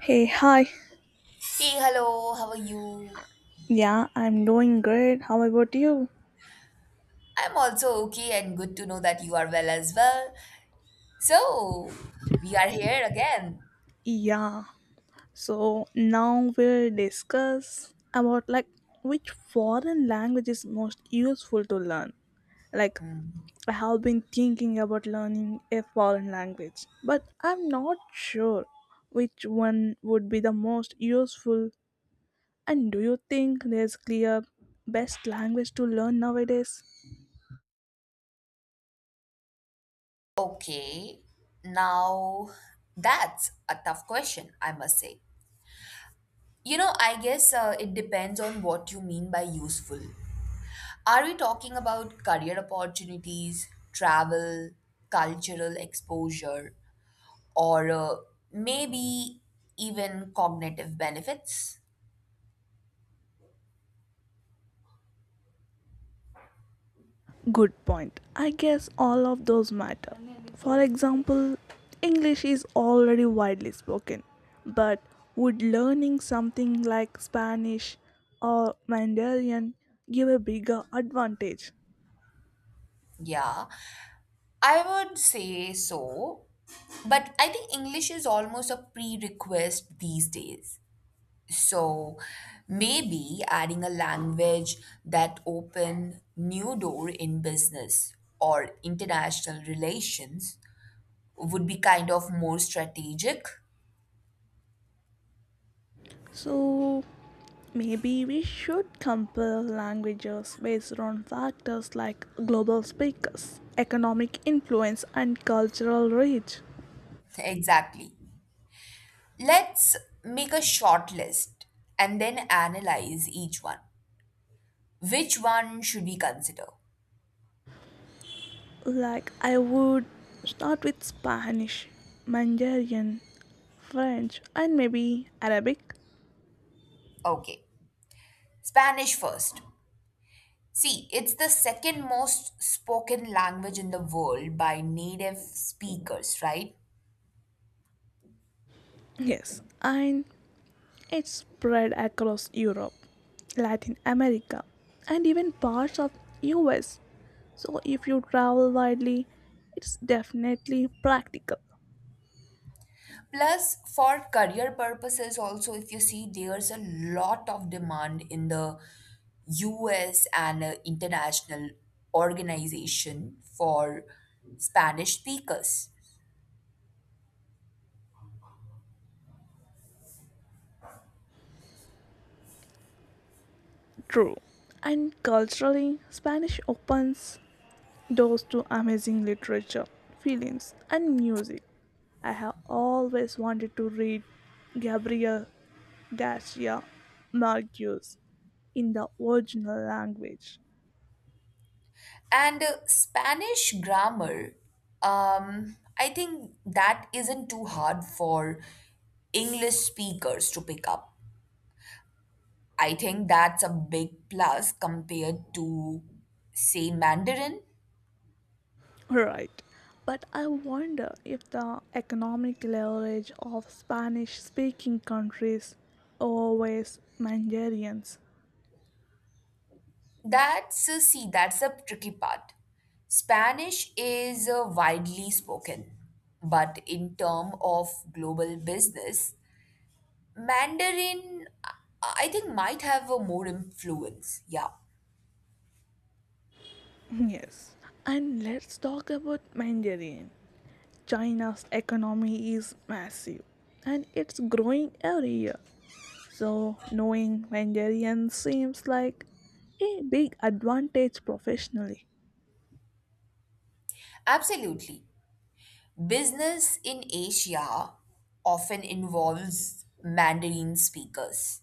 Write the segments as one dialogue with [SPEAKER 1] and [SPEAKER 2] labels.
[SPEAKER 1] Hey, hi.
[SPEAKER 2] Hey, hello, how are you?
[SPEAKER 1] Yeah, I'm doing great. How about you?
[SPEAKER 2] I'm also okay and good to know that you are well as well. So, we are here again.
[SPEAKER 1] Yeah. So now we'll discuss about like which foreign language is most useful to learn. Like I have been thinking about learning a foreign language, but I'm not sure which one would be the most useful. And do you think there's clear best language to learn nowadays?
[SPEAKER 2] Okay, now that's a tough question, I must say. You know, I guess it depends on what you mean by useful. Are we talking about career opportunities, travel, cultural exposure, or maybe even cognitive benefits?
[SPEAKER 1] Good point. I guess all of those matter. For example, English is already widely spoken, but would learning something like Spanish or Mandarin give a bigger advantage?
[SPEAKER 2] Yeah. I would say so, but I think English is almost a prerequisite these days. So maybe adding a language that open new door in business or international relations would be kind of more strategic.
[SPEAKER 1] So maybe we should compare languages based on factors like global speakers, economic influence, and cultural reach.
[SPEAKER 2] Exactly. Let's make a short list and then analyze each one. Which one should we consider?
[SPEAKER 1] Like, I would start with Spanish, Mandarin, French, and maybe Arabic.
[SPEAKER 2] Okay. Spanish first. See, it's the second most spoken language in the world by native speakers, right?
[SPEAKER 1] Yes, and it spread across Europe, Latin America, and even parts of US. So if you travel widely, it's definitely practical.
[SPEAKER 2] Plus, for career purposes, also, if you see, there's a lot of demand in the US and international organization for Spanish speakers.
[SPEAKER 1] True. And culturally, Spanish opens doors to amazing literature, films, and music. I have always wanted to read Gabriel Garcia Marquez in the original language.
[SPEAKER 2] And Spanish grammar, I think that isn't too hard for English speakers to pick up. I think that's a big plus compared to, say, Mandarin.
[SPEAKER 1] Right. But I wonder if the economic leverage of Spanish speaking countries always Mandarins.
[SPEAKER 2] That's, see, that's a tricky part. Spanish is widely spoken, but in term of global business, Mandarin, I think, might have a more influence. Yeah,
[SPEAKER 1] Yes. And let's talk about Mandarin. China's economy is massive and it's growing every year. So, knowing Hungarian seems like a big advantage professionally.
[SPEAKER 2] absolutely. Business in Asia often involves Mandarin speakers.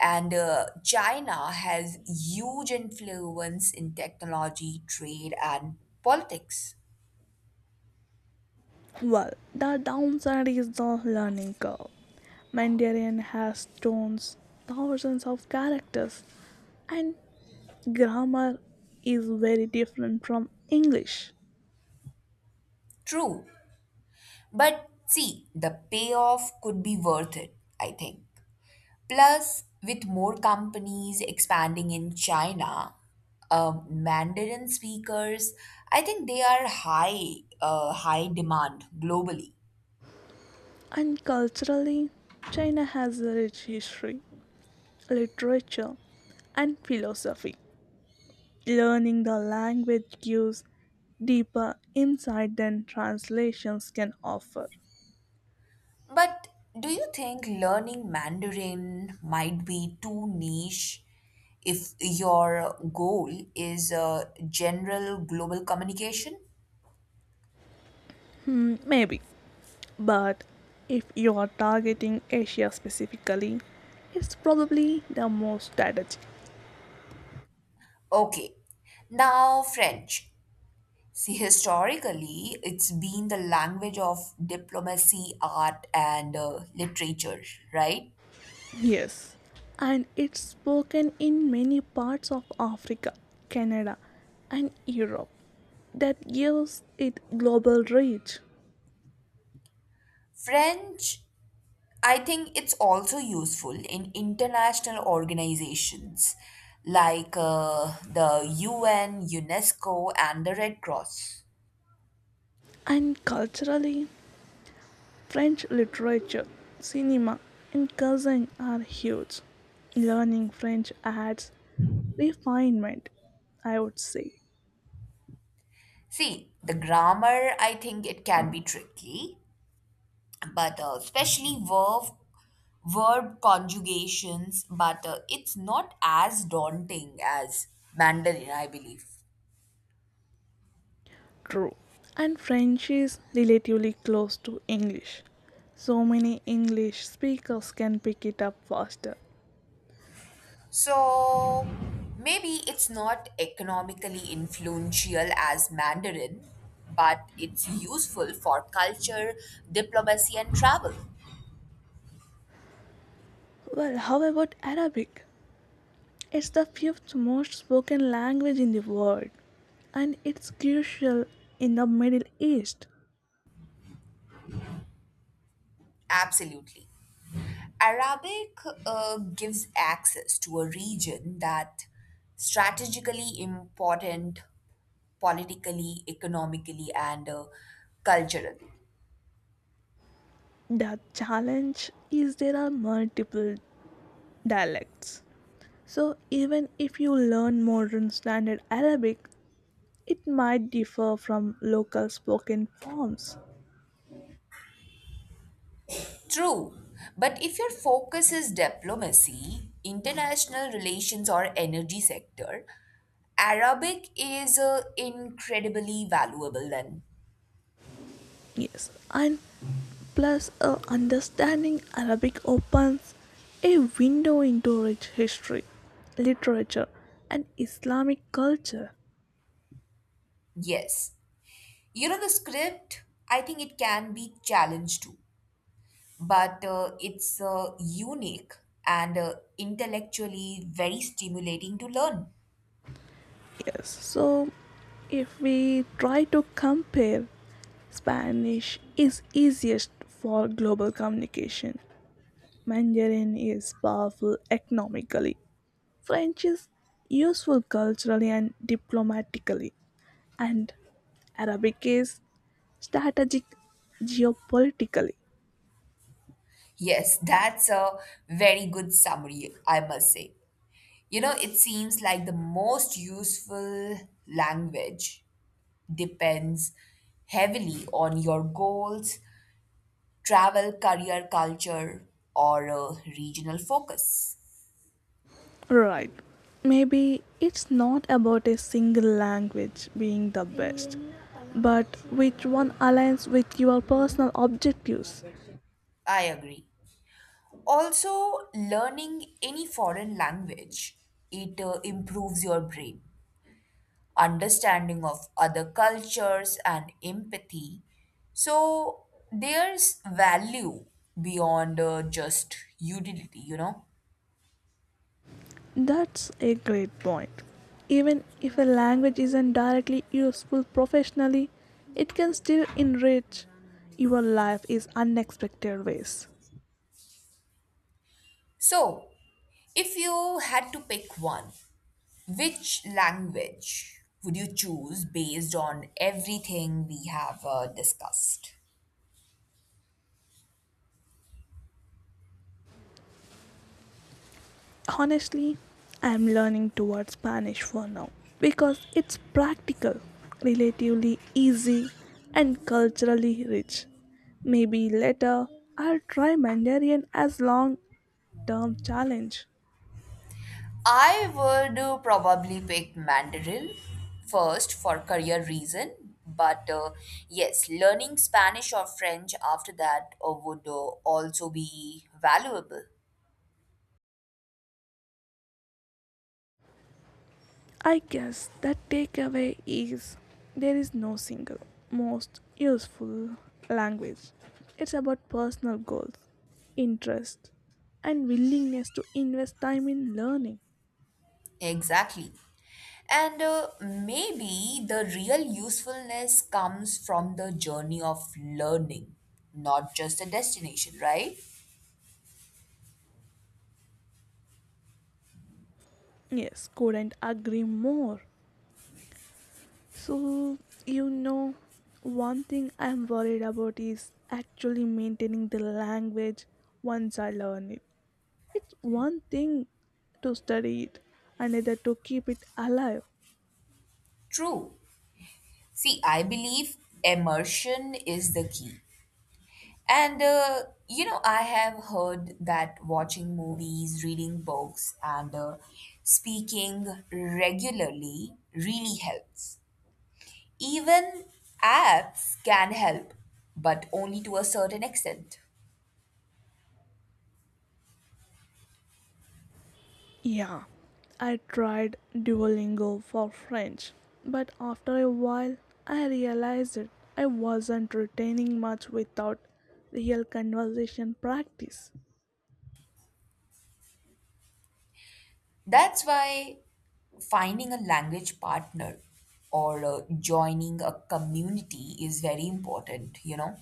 [SPEAKER 2] And China has huge influence in technology, trade, and politics.
[SPEAKER 1] Well, the downside is the learning curve. Mandarin has tones, thousands of characters, and grammar is very different from English.
[SPEAKER 2] True. But see, the payoff could be worth it, I think. Plus, with more companies expanding in China, Mandarin speakers, I think they are high, high demand globally.
[SPEAKER 1] And culturally, China has a rich history, literature, and philosophy. Learning the language gives deeper insight than translations can offer.
[SPEAKER 2] But do you think learning Mandarin might be too niche if your goal is general global communication?
[SPEAKER 1] Hmm, maybe. But if you are targeting Asia specifically, it's probably the most strategic.
[SPEAKER 2] Okay, now French. See, historically, it's been the language of diplomacy, art, and literature, right?
[SPEAKER 1] Yes. And it's spoken in many parts of Africa, Canada, and Europe. That gives it global reach.
[SPEAKER 2] French, I think it's also useful in international organizations like the UN, UNESCO, and the Red Cross.
[SPEAKER 1] And culturally, French literature, cinema, and cuisine are huge. Learning French adds refinement, I would say.
[SPEAKER 2] See, the grammar, I think it can be tricky, but especially verb conjugations, but it's not as daunting as Mandarin, I believe.
[SPEAKER 1] True. And French is relatively close to English. So many English speakers can pick it up faster.
[SPEAKER 2] So maybe it's not economically influential as Mandarin, but it's useful for culture, diplomacy, and travel.
[SPEAKER 1] Well, how about Arabic? It's the fifth most spoken language in the world and it's crucial in the Middle East.
[SPEAKER 2] Absolutely. Arabic gives access to a region that strategically important politically, economically, and culturally.
[SPEAKER 1] The challenge is there are multiple dialects. So, even if you learn modern standard Arabic, it might differ from local spoken forms.
[SPEAKER 2] True, but if your focus is diplomacy, international relations, or energy sector, Arabic is incredibly valuable then.
[SPEAKER 1] Yes, and plus, understanding Arabic opens a window into rich history, literature, and Islamic culture.
[SPEAKER 2] Yes. You know, the script, I think it can be challenged too, but it's unique and intellectually very stimulating to learn.
[SPEAKER 1] Yes, so if we try to compare, Spanish is easiest for global communication. Mandarin is powerful economically. French is useful culturally and diplomatically, and Arabic is strategic geopolitically.
[SPEAKER 2] Yes, that's a very good summary, I must say. You know, it seems like the most useful language depends heavily on your goals, travel, career culture, or a regional focus.
[SPEAKER 1] Right. Maybe it's not about a single language being the best, but which one aligns with your personal objectives.
[SPEAKER 2] I agree. Also, learning any foreign language, it improves your brain, understanding of other cultures and empathy. So, there's value beyond just utility, you know?
[SPEAKER 1] That's a great point. Even if a language isn't directly useful professionally, it can still enrich your life in unexpected ways.
[SPEAKER 2] So, if you had to pick one, which language would you choose based on everything we have discussed?
[SPEAKER 1] Honestly, I'm learning towards Spanish for now because it's practical, relatively easy, and culturally rich. Maybe later I'll try Mandarin as long term challenge.
[SPEAKER 2] I would probably pick Mandarin first for career reason, but yes, learning Spanish or French after that would also be valuable.
[SPEAKER 1] I guess the takeaway is there is no single most useful language. It's about personal goals, interest, and willingness to invest time in learning.
[SPEAKER 2] Exactly. And maybe the real usefulness comes from the journey of learning, not just the destination, right?
[SPEAKER 1] Yes, couldn't agree more. So, you know, one thing I'm worried about is actually maintaining the language once I learn it. It's one thing to study it, another to keep it alive.
[SPEAKER 2] True. See, I believe immersion is the key. And, you know, I have heard that watching movies, reading books, and speaking regularly really helps. Even apps can help, but only to a certain extent.
[SPEAKER 1] Yeah, I tried Duolingo for French, but after a while I realized that I wasn't retaining much without real conversation practice.
[SPEAKER 2] That's why finding a language partner or joining a community is very important, you know.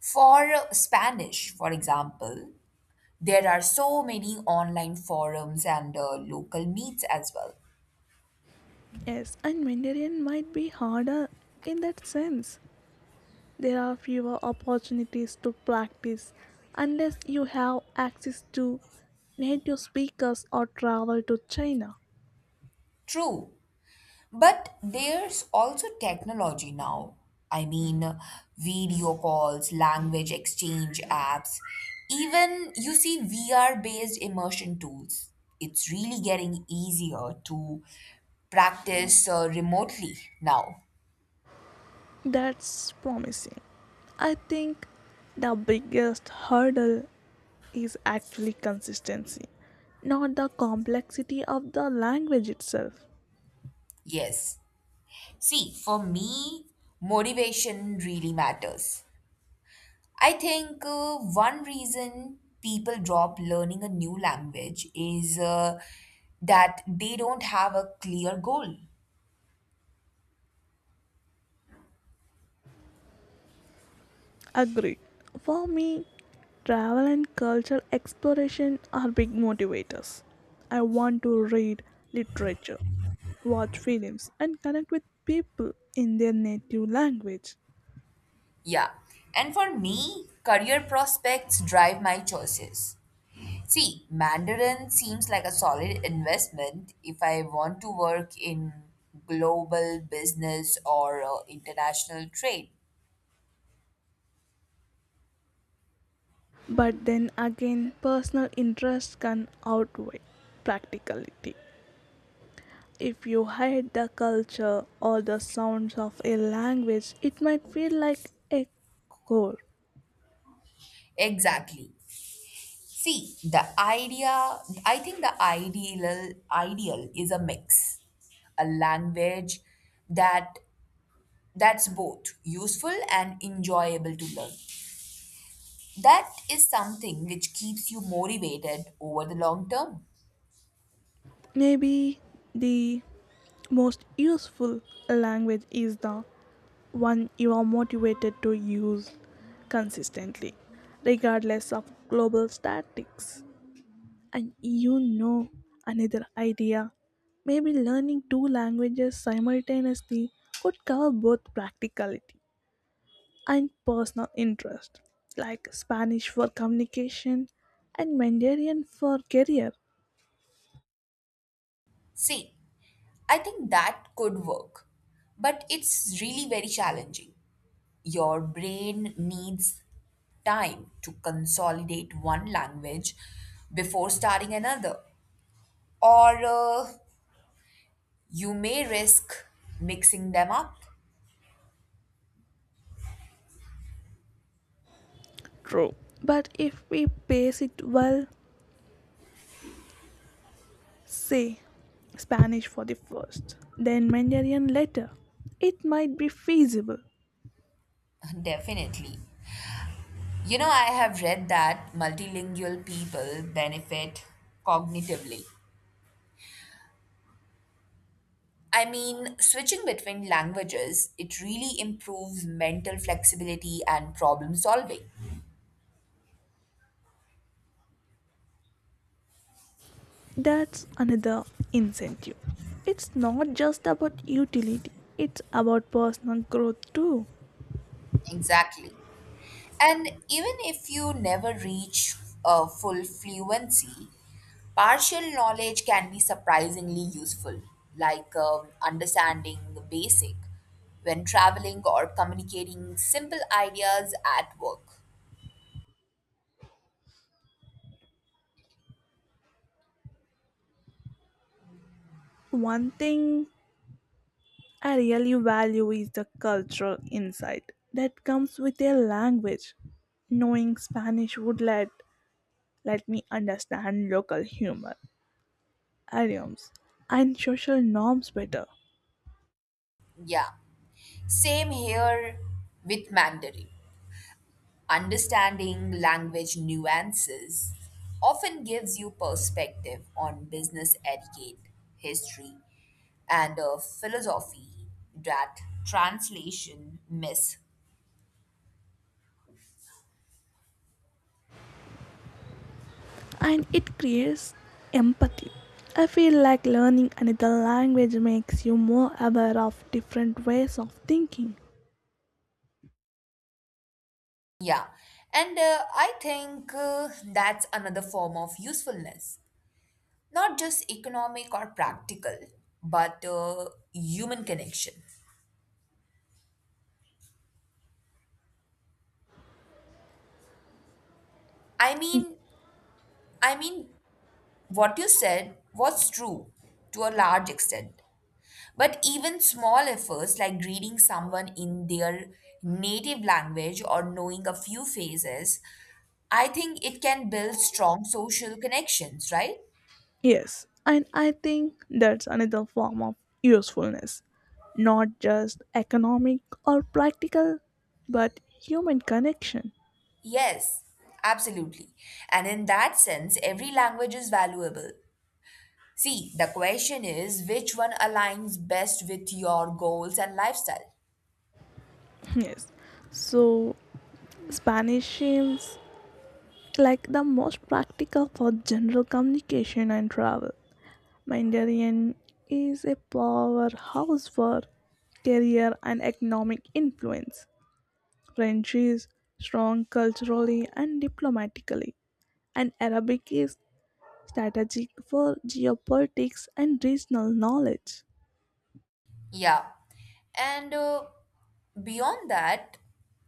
[SPEAKER 2] For Spanish, for example, there are so many online forums and local meets as well.
[SPEAKER 1] Yes, and Mandarin might be harder in that sense there are fewer opportunities to practice unless you have access to native speakers or travel to China.
[SPEAKER 2] True, but there's also technology now. I mean, video calls, language exchange apps, even you see VR based immersion tools. It's really getting easier to practice remotely now.
[SPEAKER 1] That's promising. I think the biggest hurdle is actually consistency, not the complexity of the language itself.
[SPEAKER 2] Yes. See, for me, motivation really matters. I think one reason people drop learning a new language is that they don't have a clear goal.
[SPEAKER 1] Agree. For me, travel and cultural exploration are big motivators. I want to read literature, watch films, and connect with people in their native language.
[SPEAKER 2] Yeah. And for me, career prospects drive my choices. See, Mandarin seems like a solid investment if I want to work in global business or international trade.
[SPEAKER 1] But then again, personal interest can outweigh practicality. If you hate the culture or the sounds of a language, it might feel like a chore.
[SPEAKER 2] Exactly. See, the idea, I think the ideal is a mix, a language that that's both useful and enjoyable to learn. That is something which keeps you motivated over the long term.
[SPEAKER 1] Maybe the most useful language is the one you are motivated to use consistently, regardless of global statics. And you know another idea. Maybe learning two languages simultaneously could cover both practicality and personal interest, like Spanish for communication and Mandarin for career.
[SPEAKER 2] See, I think that could work, but it's really very challenging. Your brain needs time to consolidate one language before starting another or you may risk mixing them up.
[SPEAKER 1] True. But if we pace it well, say Spanish for the first, then Mandarin later, it might be feasible.
[SPEAKER 2] Definitely. You know, I have read that multilingual people benefit cognitively. I mean, switching between languages, it really improves mental flexibility and problem solving.
[SPEAKER 1] That's another incentive. It's not just about utility, it's about personal growth too.
[SPEAKER 2] Exactly. And even if you never reach full fluency, partial knowledge can be surprisingly useful, like understanding the basic when traveling or communicating simple ideas at work.
[SPEAKER 1] One thing I really value is the cultural insight that comes with a language. Knowing Spanish would let me understand local humor, idioms, and social norms better,
[SPEAKER 2] Yeah, same here with Mandarin. Understanding language nuances often gives you perspective on business etiquette, history, and a philosophy that translation miss.
[SPEAKER 1] and it creates empathy. I feel like learning another language makes you more aware of different ways of thinking.
[SPEAKER 2] Yeah, and I think that's another form of usefulness, not just economic or practical, but human connection. I mean, I mean, what you said was true to a large extent. But even small efforts like greeting someone in their native language or knowing a few phrases, I think it can build strong social connections, right?
[SPEAKER 1] Yes, and I think that's another form of usefulness, not just economic or practical, but human connection.
[SPEAKER 2] Yes, absolutely. And in that sense, every language is valuable. See, the question is which one aligns best with your goals and lifestyle?
[SPEAKER 1] Yes, so Spanish seems like the most practical for general communication and travel. Mandarin is a powerhouse for career and economic influence. French is strong culturally and diplomatically, and Arabic is strategic for geopolitics and regional knowledge.
[SPEAKER 2] Yeah. And beyond that,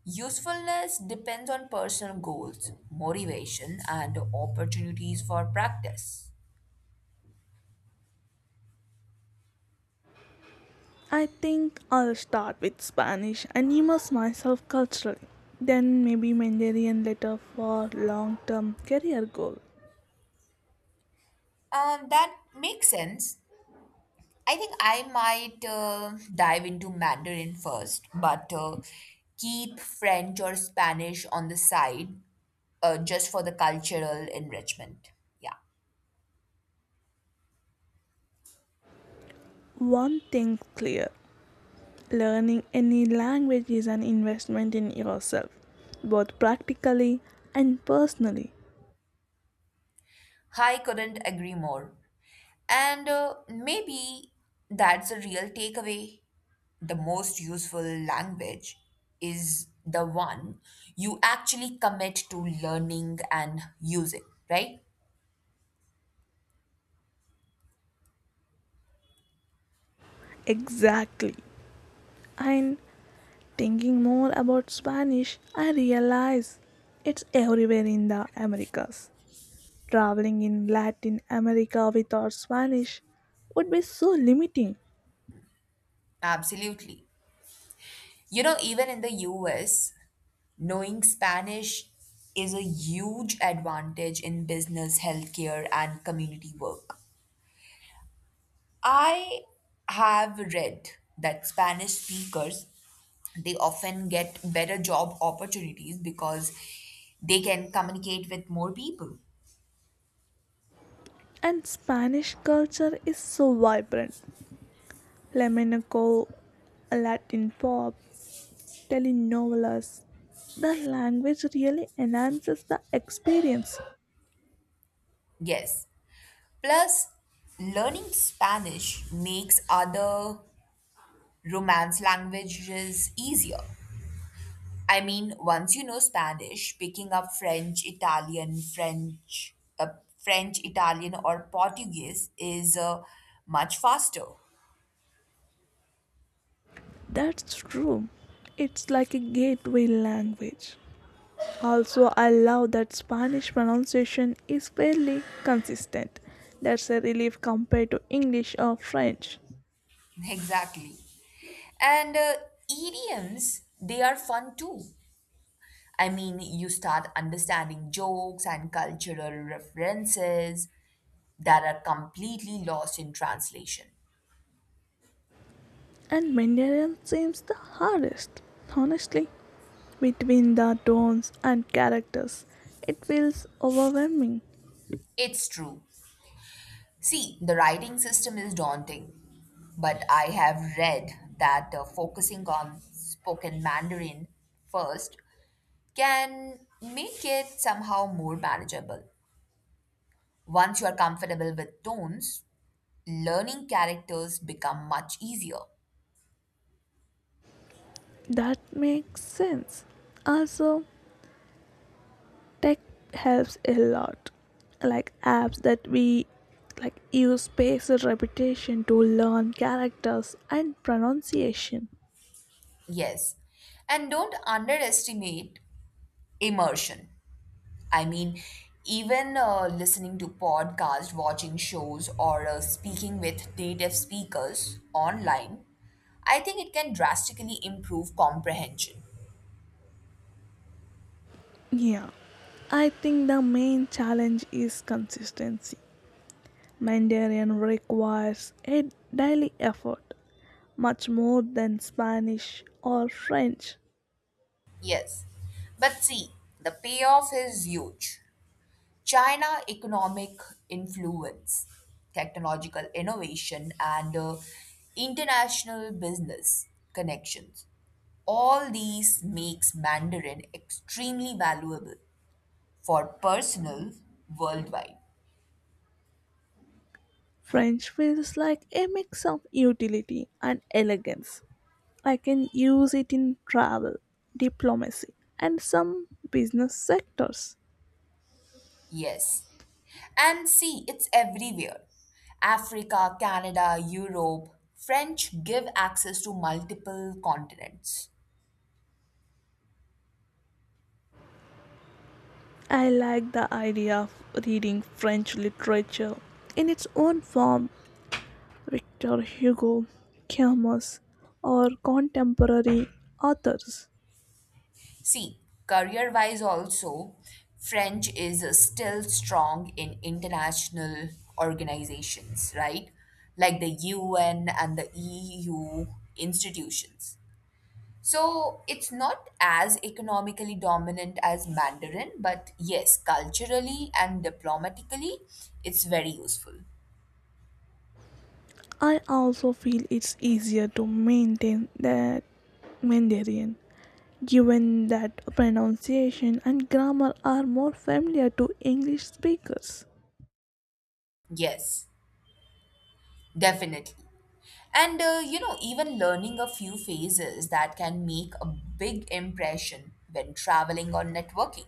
[SPEAKER 2] usefulness depends on personal goals, motivation, and opportunities for practice.
[SPEAKER 1] I think I'll start with Spanish and immerse myself culturally. Then maybe Mandarin later for long-term career goal.
[SPEAKER 2] That makes sense. I think I might dive into Mandarin first, but keep French or Spanish on the side just for the cultural enrichment. Yeah.
[SPEAKER 1] One thing clear, learning any language is an investment in yourself, both practically and personally.
[SPEAKER 2] I couldn't agree more. And maybe that's a real takeaway. The most useful language is the one you actually commit to learning and using, right?
[SPEAKER 1] Exactly. And thinking more about Spanish, I realize it's everywhere in the Americas. Traveling in Latin America without Spanish would be so limiting.
[SPEAKER 2] Absolutely. You know, even in the US, knowing Spanish is a huge advantage in business, healthcare, and community work. I have read that Spanish speakers they often get better job opportunities because they can communicate with more people.
[SPEAKER 1] And Spanish culture is so vibrant. Flamenco, Latin pop, telenovelas. The language really enhances the experience.
[SPEAKER 2] Yes. Plus learning Spanish makes other romance languages easier. I mean, once you know Spanish, picking up French, Italian, French, French, Italian or Portuguese is much faster.
[SPEAKER 1] That's true. It's like a gateway language. Also, I love that Spanish pronunciation is fairly consistent. That's a relief compared to English or French.
[SPEAKER 2] Exactly. And idioms, they are fun too. I mean, you start understanding jokes and cultural references that are completely lost in translation.
[SPEAKER 1] And Mandarin seems the hardest. Honestly, between the tones and characters, it feels overwhelming.
[SPEAKER 2] It's true. See, the writing system is daunting, but I have read that focusing on spoken Mandarin first can make it somehow more manageable. Once you are comfortable with tones, learning characters become much easier.
[SPEAKER 1] That makes sense. Also, tech helps a lot, like apps that we like use spatial repetition to learn characters and pronunciation.
[SPEAKER 2] Yes. And don't underestimate immersion. I mean, even listening to podcasts, watching shows, or speaking with native speakers online, I think it can drastically improve comprehension.
[SPEAKER 1] Yeah, I think the main challenge is consistency. Mandarin requires a daily effort much more than Spanish or French.
[SPEAKER 2] Yes. But see, the payoff is huge. China economic influence, technological innovation, and international business connections. All these makes Mandarin extremely valuable for personal worldwide.
[SPEAKER 1] French feels like a mix of utility and elegance. I can use it in travel, diplomacy, and some business sectors.
[SPEAKER 2] Yes. And see, it's everywhere. Africa, Canada, Europe, French give access to multiple continents.
[SPEAKER 1] I like the idea of reading French literature in its own form. Victor Hugo, Camus, or contemporary authors.
[SPEAKER 2] See, career wise, also, French is still strong in international organizations, right? Like the UN and the EU institutions. So it's not as economically dominant as Mandarin, but yes, culturally and diplomatically, it's very useful.
[SPEAKER 1] I also feel it's easier to maintain that Mandarin given that pronunciation and grammar are more familiar to English speakers.
[SPEAKER 2] Yes, definitely. And you know, even learning a few phases that can make a big impression when traveling or networking.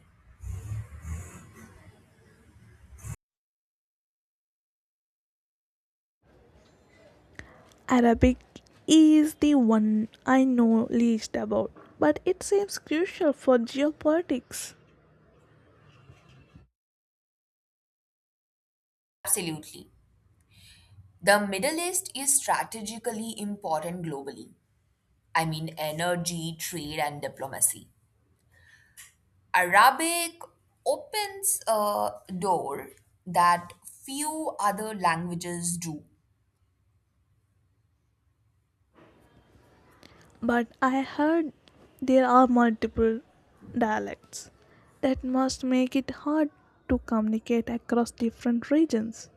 [SPEAKER 1] Arabic is the one I know least about, but it seems crucial for geopolitics.
[SPEAKER 2] Absolutely. The Middle East is strategically important globally. I mean, energy, trade, and diplomacy. Arabic opens a door that few other languages do.
[SPEAKER 1] But I heard there are multiple dialects that must make it hard to communicate across different regions.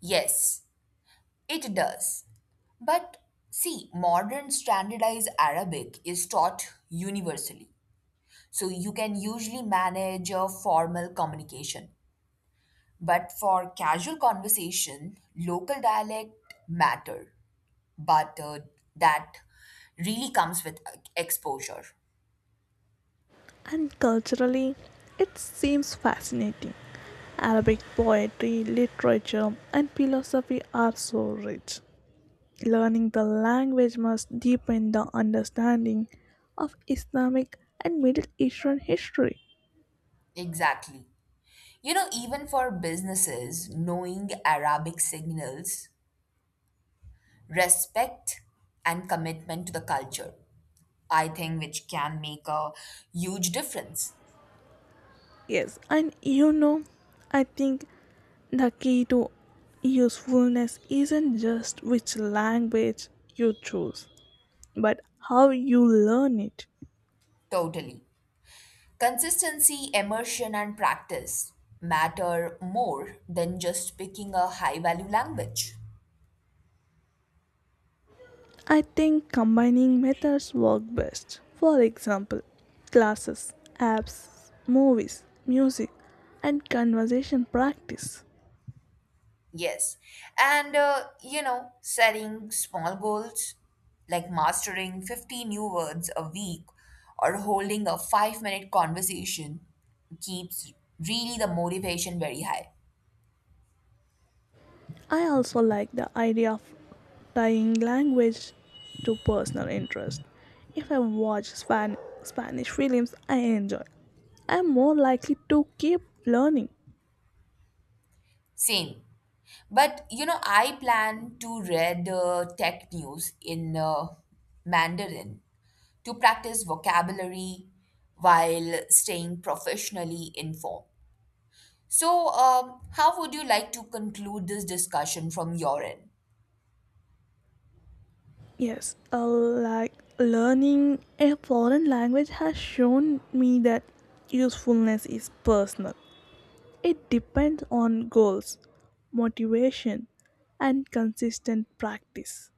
[SPEAKER 2] Yes, it does. But see, modern standardized Arabic is taught universally, so you can usually manage your formal communication. But for casual conversation, local dialect matter. But that really comes with exposure.
[SPEAKER 1] And culturally, it seems fascinating. Arabic poetry, literature, and philosophy are so rich. Learning the language must deepen the understanding of Islamic and Middle Eastern history.
[SPEAKER 2] Exactly. You know, even for businesses, knowing Arabic signals respect and commitment to the culture, I think, which can make a huge difference.
[SPEAKER 1] Yes, and you know, I think the key to usefulness isn't just which language you choose, but how you learn it.
[SPEAKER 2] Totally. Consistency, immersion, and practice matter more than just picking a high value language.
[SPEAKER 1] I think combining methods work best. For example, classes, apps, movies, music, and conversation practice.
[SPEAKER 2] Yes. And, you know, setting small goals like mastering 50 new words a week or holding a 5 minute conversation keeps really the motivation very high.
[SPEAKER 1] I also like the idea of tying language to personal interest. If I watch Spanish films, I enjoy. I'm more likely to keep learning.
[SPEAKER 2] Same. But, you know, I plan to read tech news in Mandarin to practice vocabulary while staying professionally informed. So, how would you like to conclude this discussion from your end?
[SPEAKER 1] Yes, like learning a foreign language has shown me that usefulness is personal. It depends on goals, motivation, and consistent practice.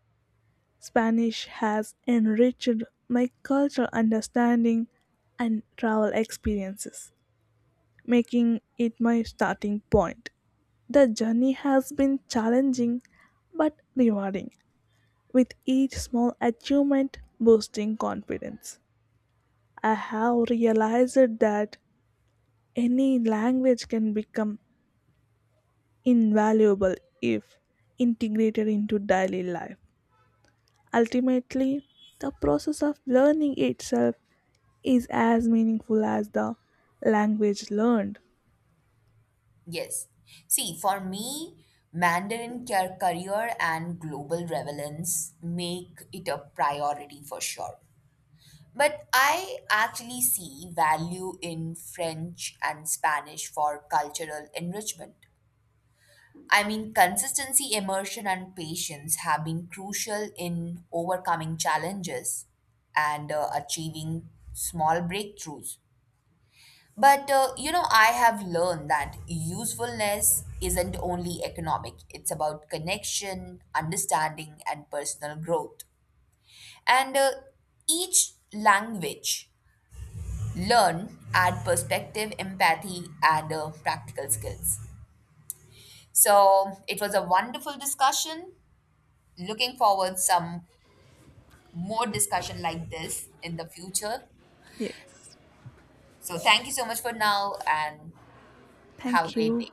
[SPEAKER 1] Spanish has enriched my cultural understanding and travel experiences, making it my starting point. The journey has been challenging but rewarding, with each small achievement boosting confidence. I have realized that any language can become invaluable if integrated into daily life. Ultimately, the process of learning itself is as meaningful as the language learned.
[SPEAKER 2] Yes. See, for me, Mandarin career and global relevance make it a priority for sure. But I actually see value in French and Spanish for cultural enrichment. I mean, consistency, immersion, and patience have been crucial in overcoming challenges and achieving small breakthroughs. But you know, I have learned that usefulness isn't only economic, it's about connection, understanding, and personal growth. And each language learn add perspective, empathy, and practical skills. So it was a wonderful discussion. Looking forward some more discussion like this in the future.
[SPEAKER 1] Yes.
[SPEAKER 2] So thank you so much for now and have a
[SPEAKER 1] Thank
[SPEAKER 2] great
[SPEAKER 1] you.
[SPEAKER 2] day.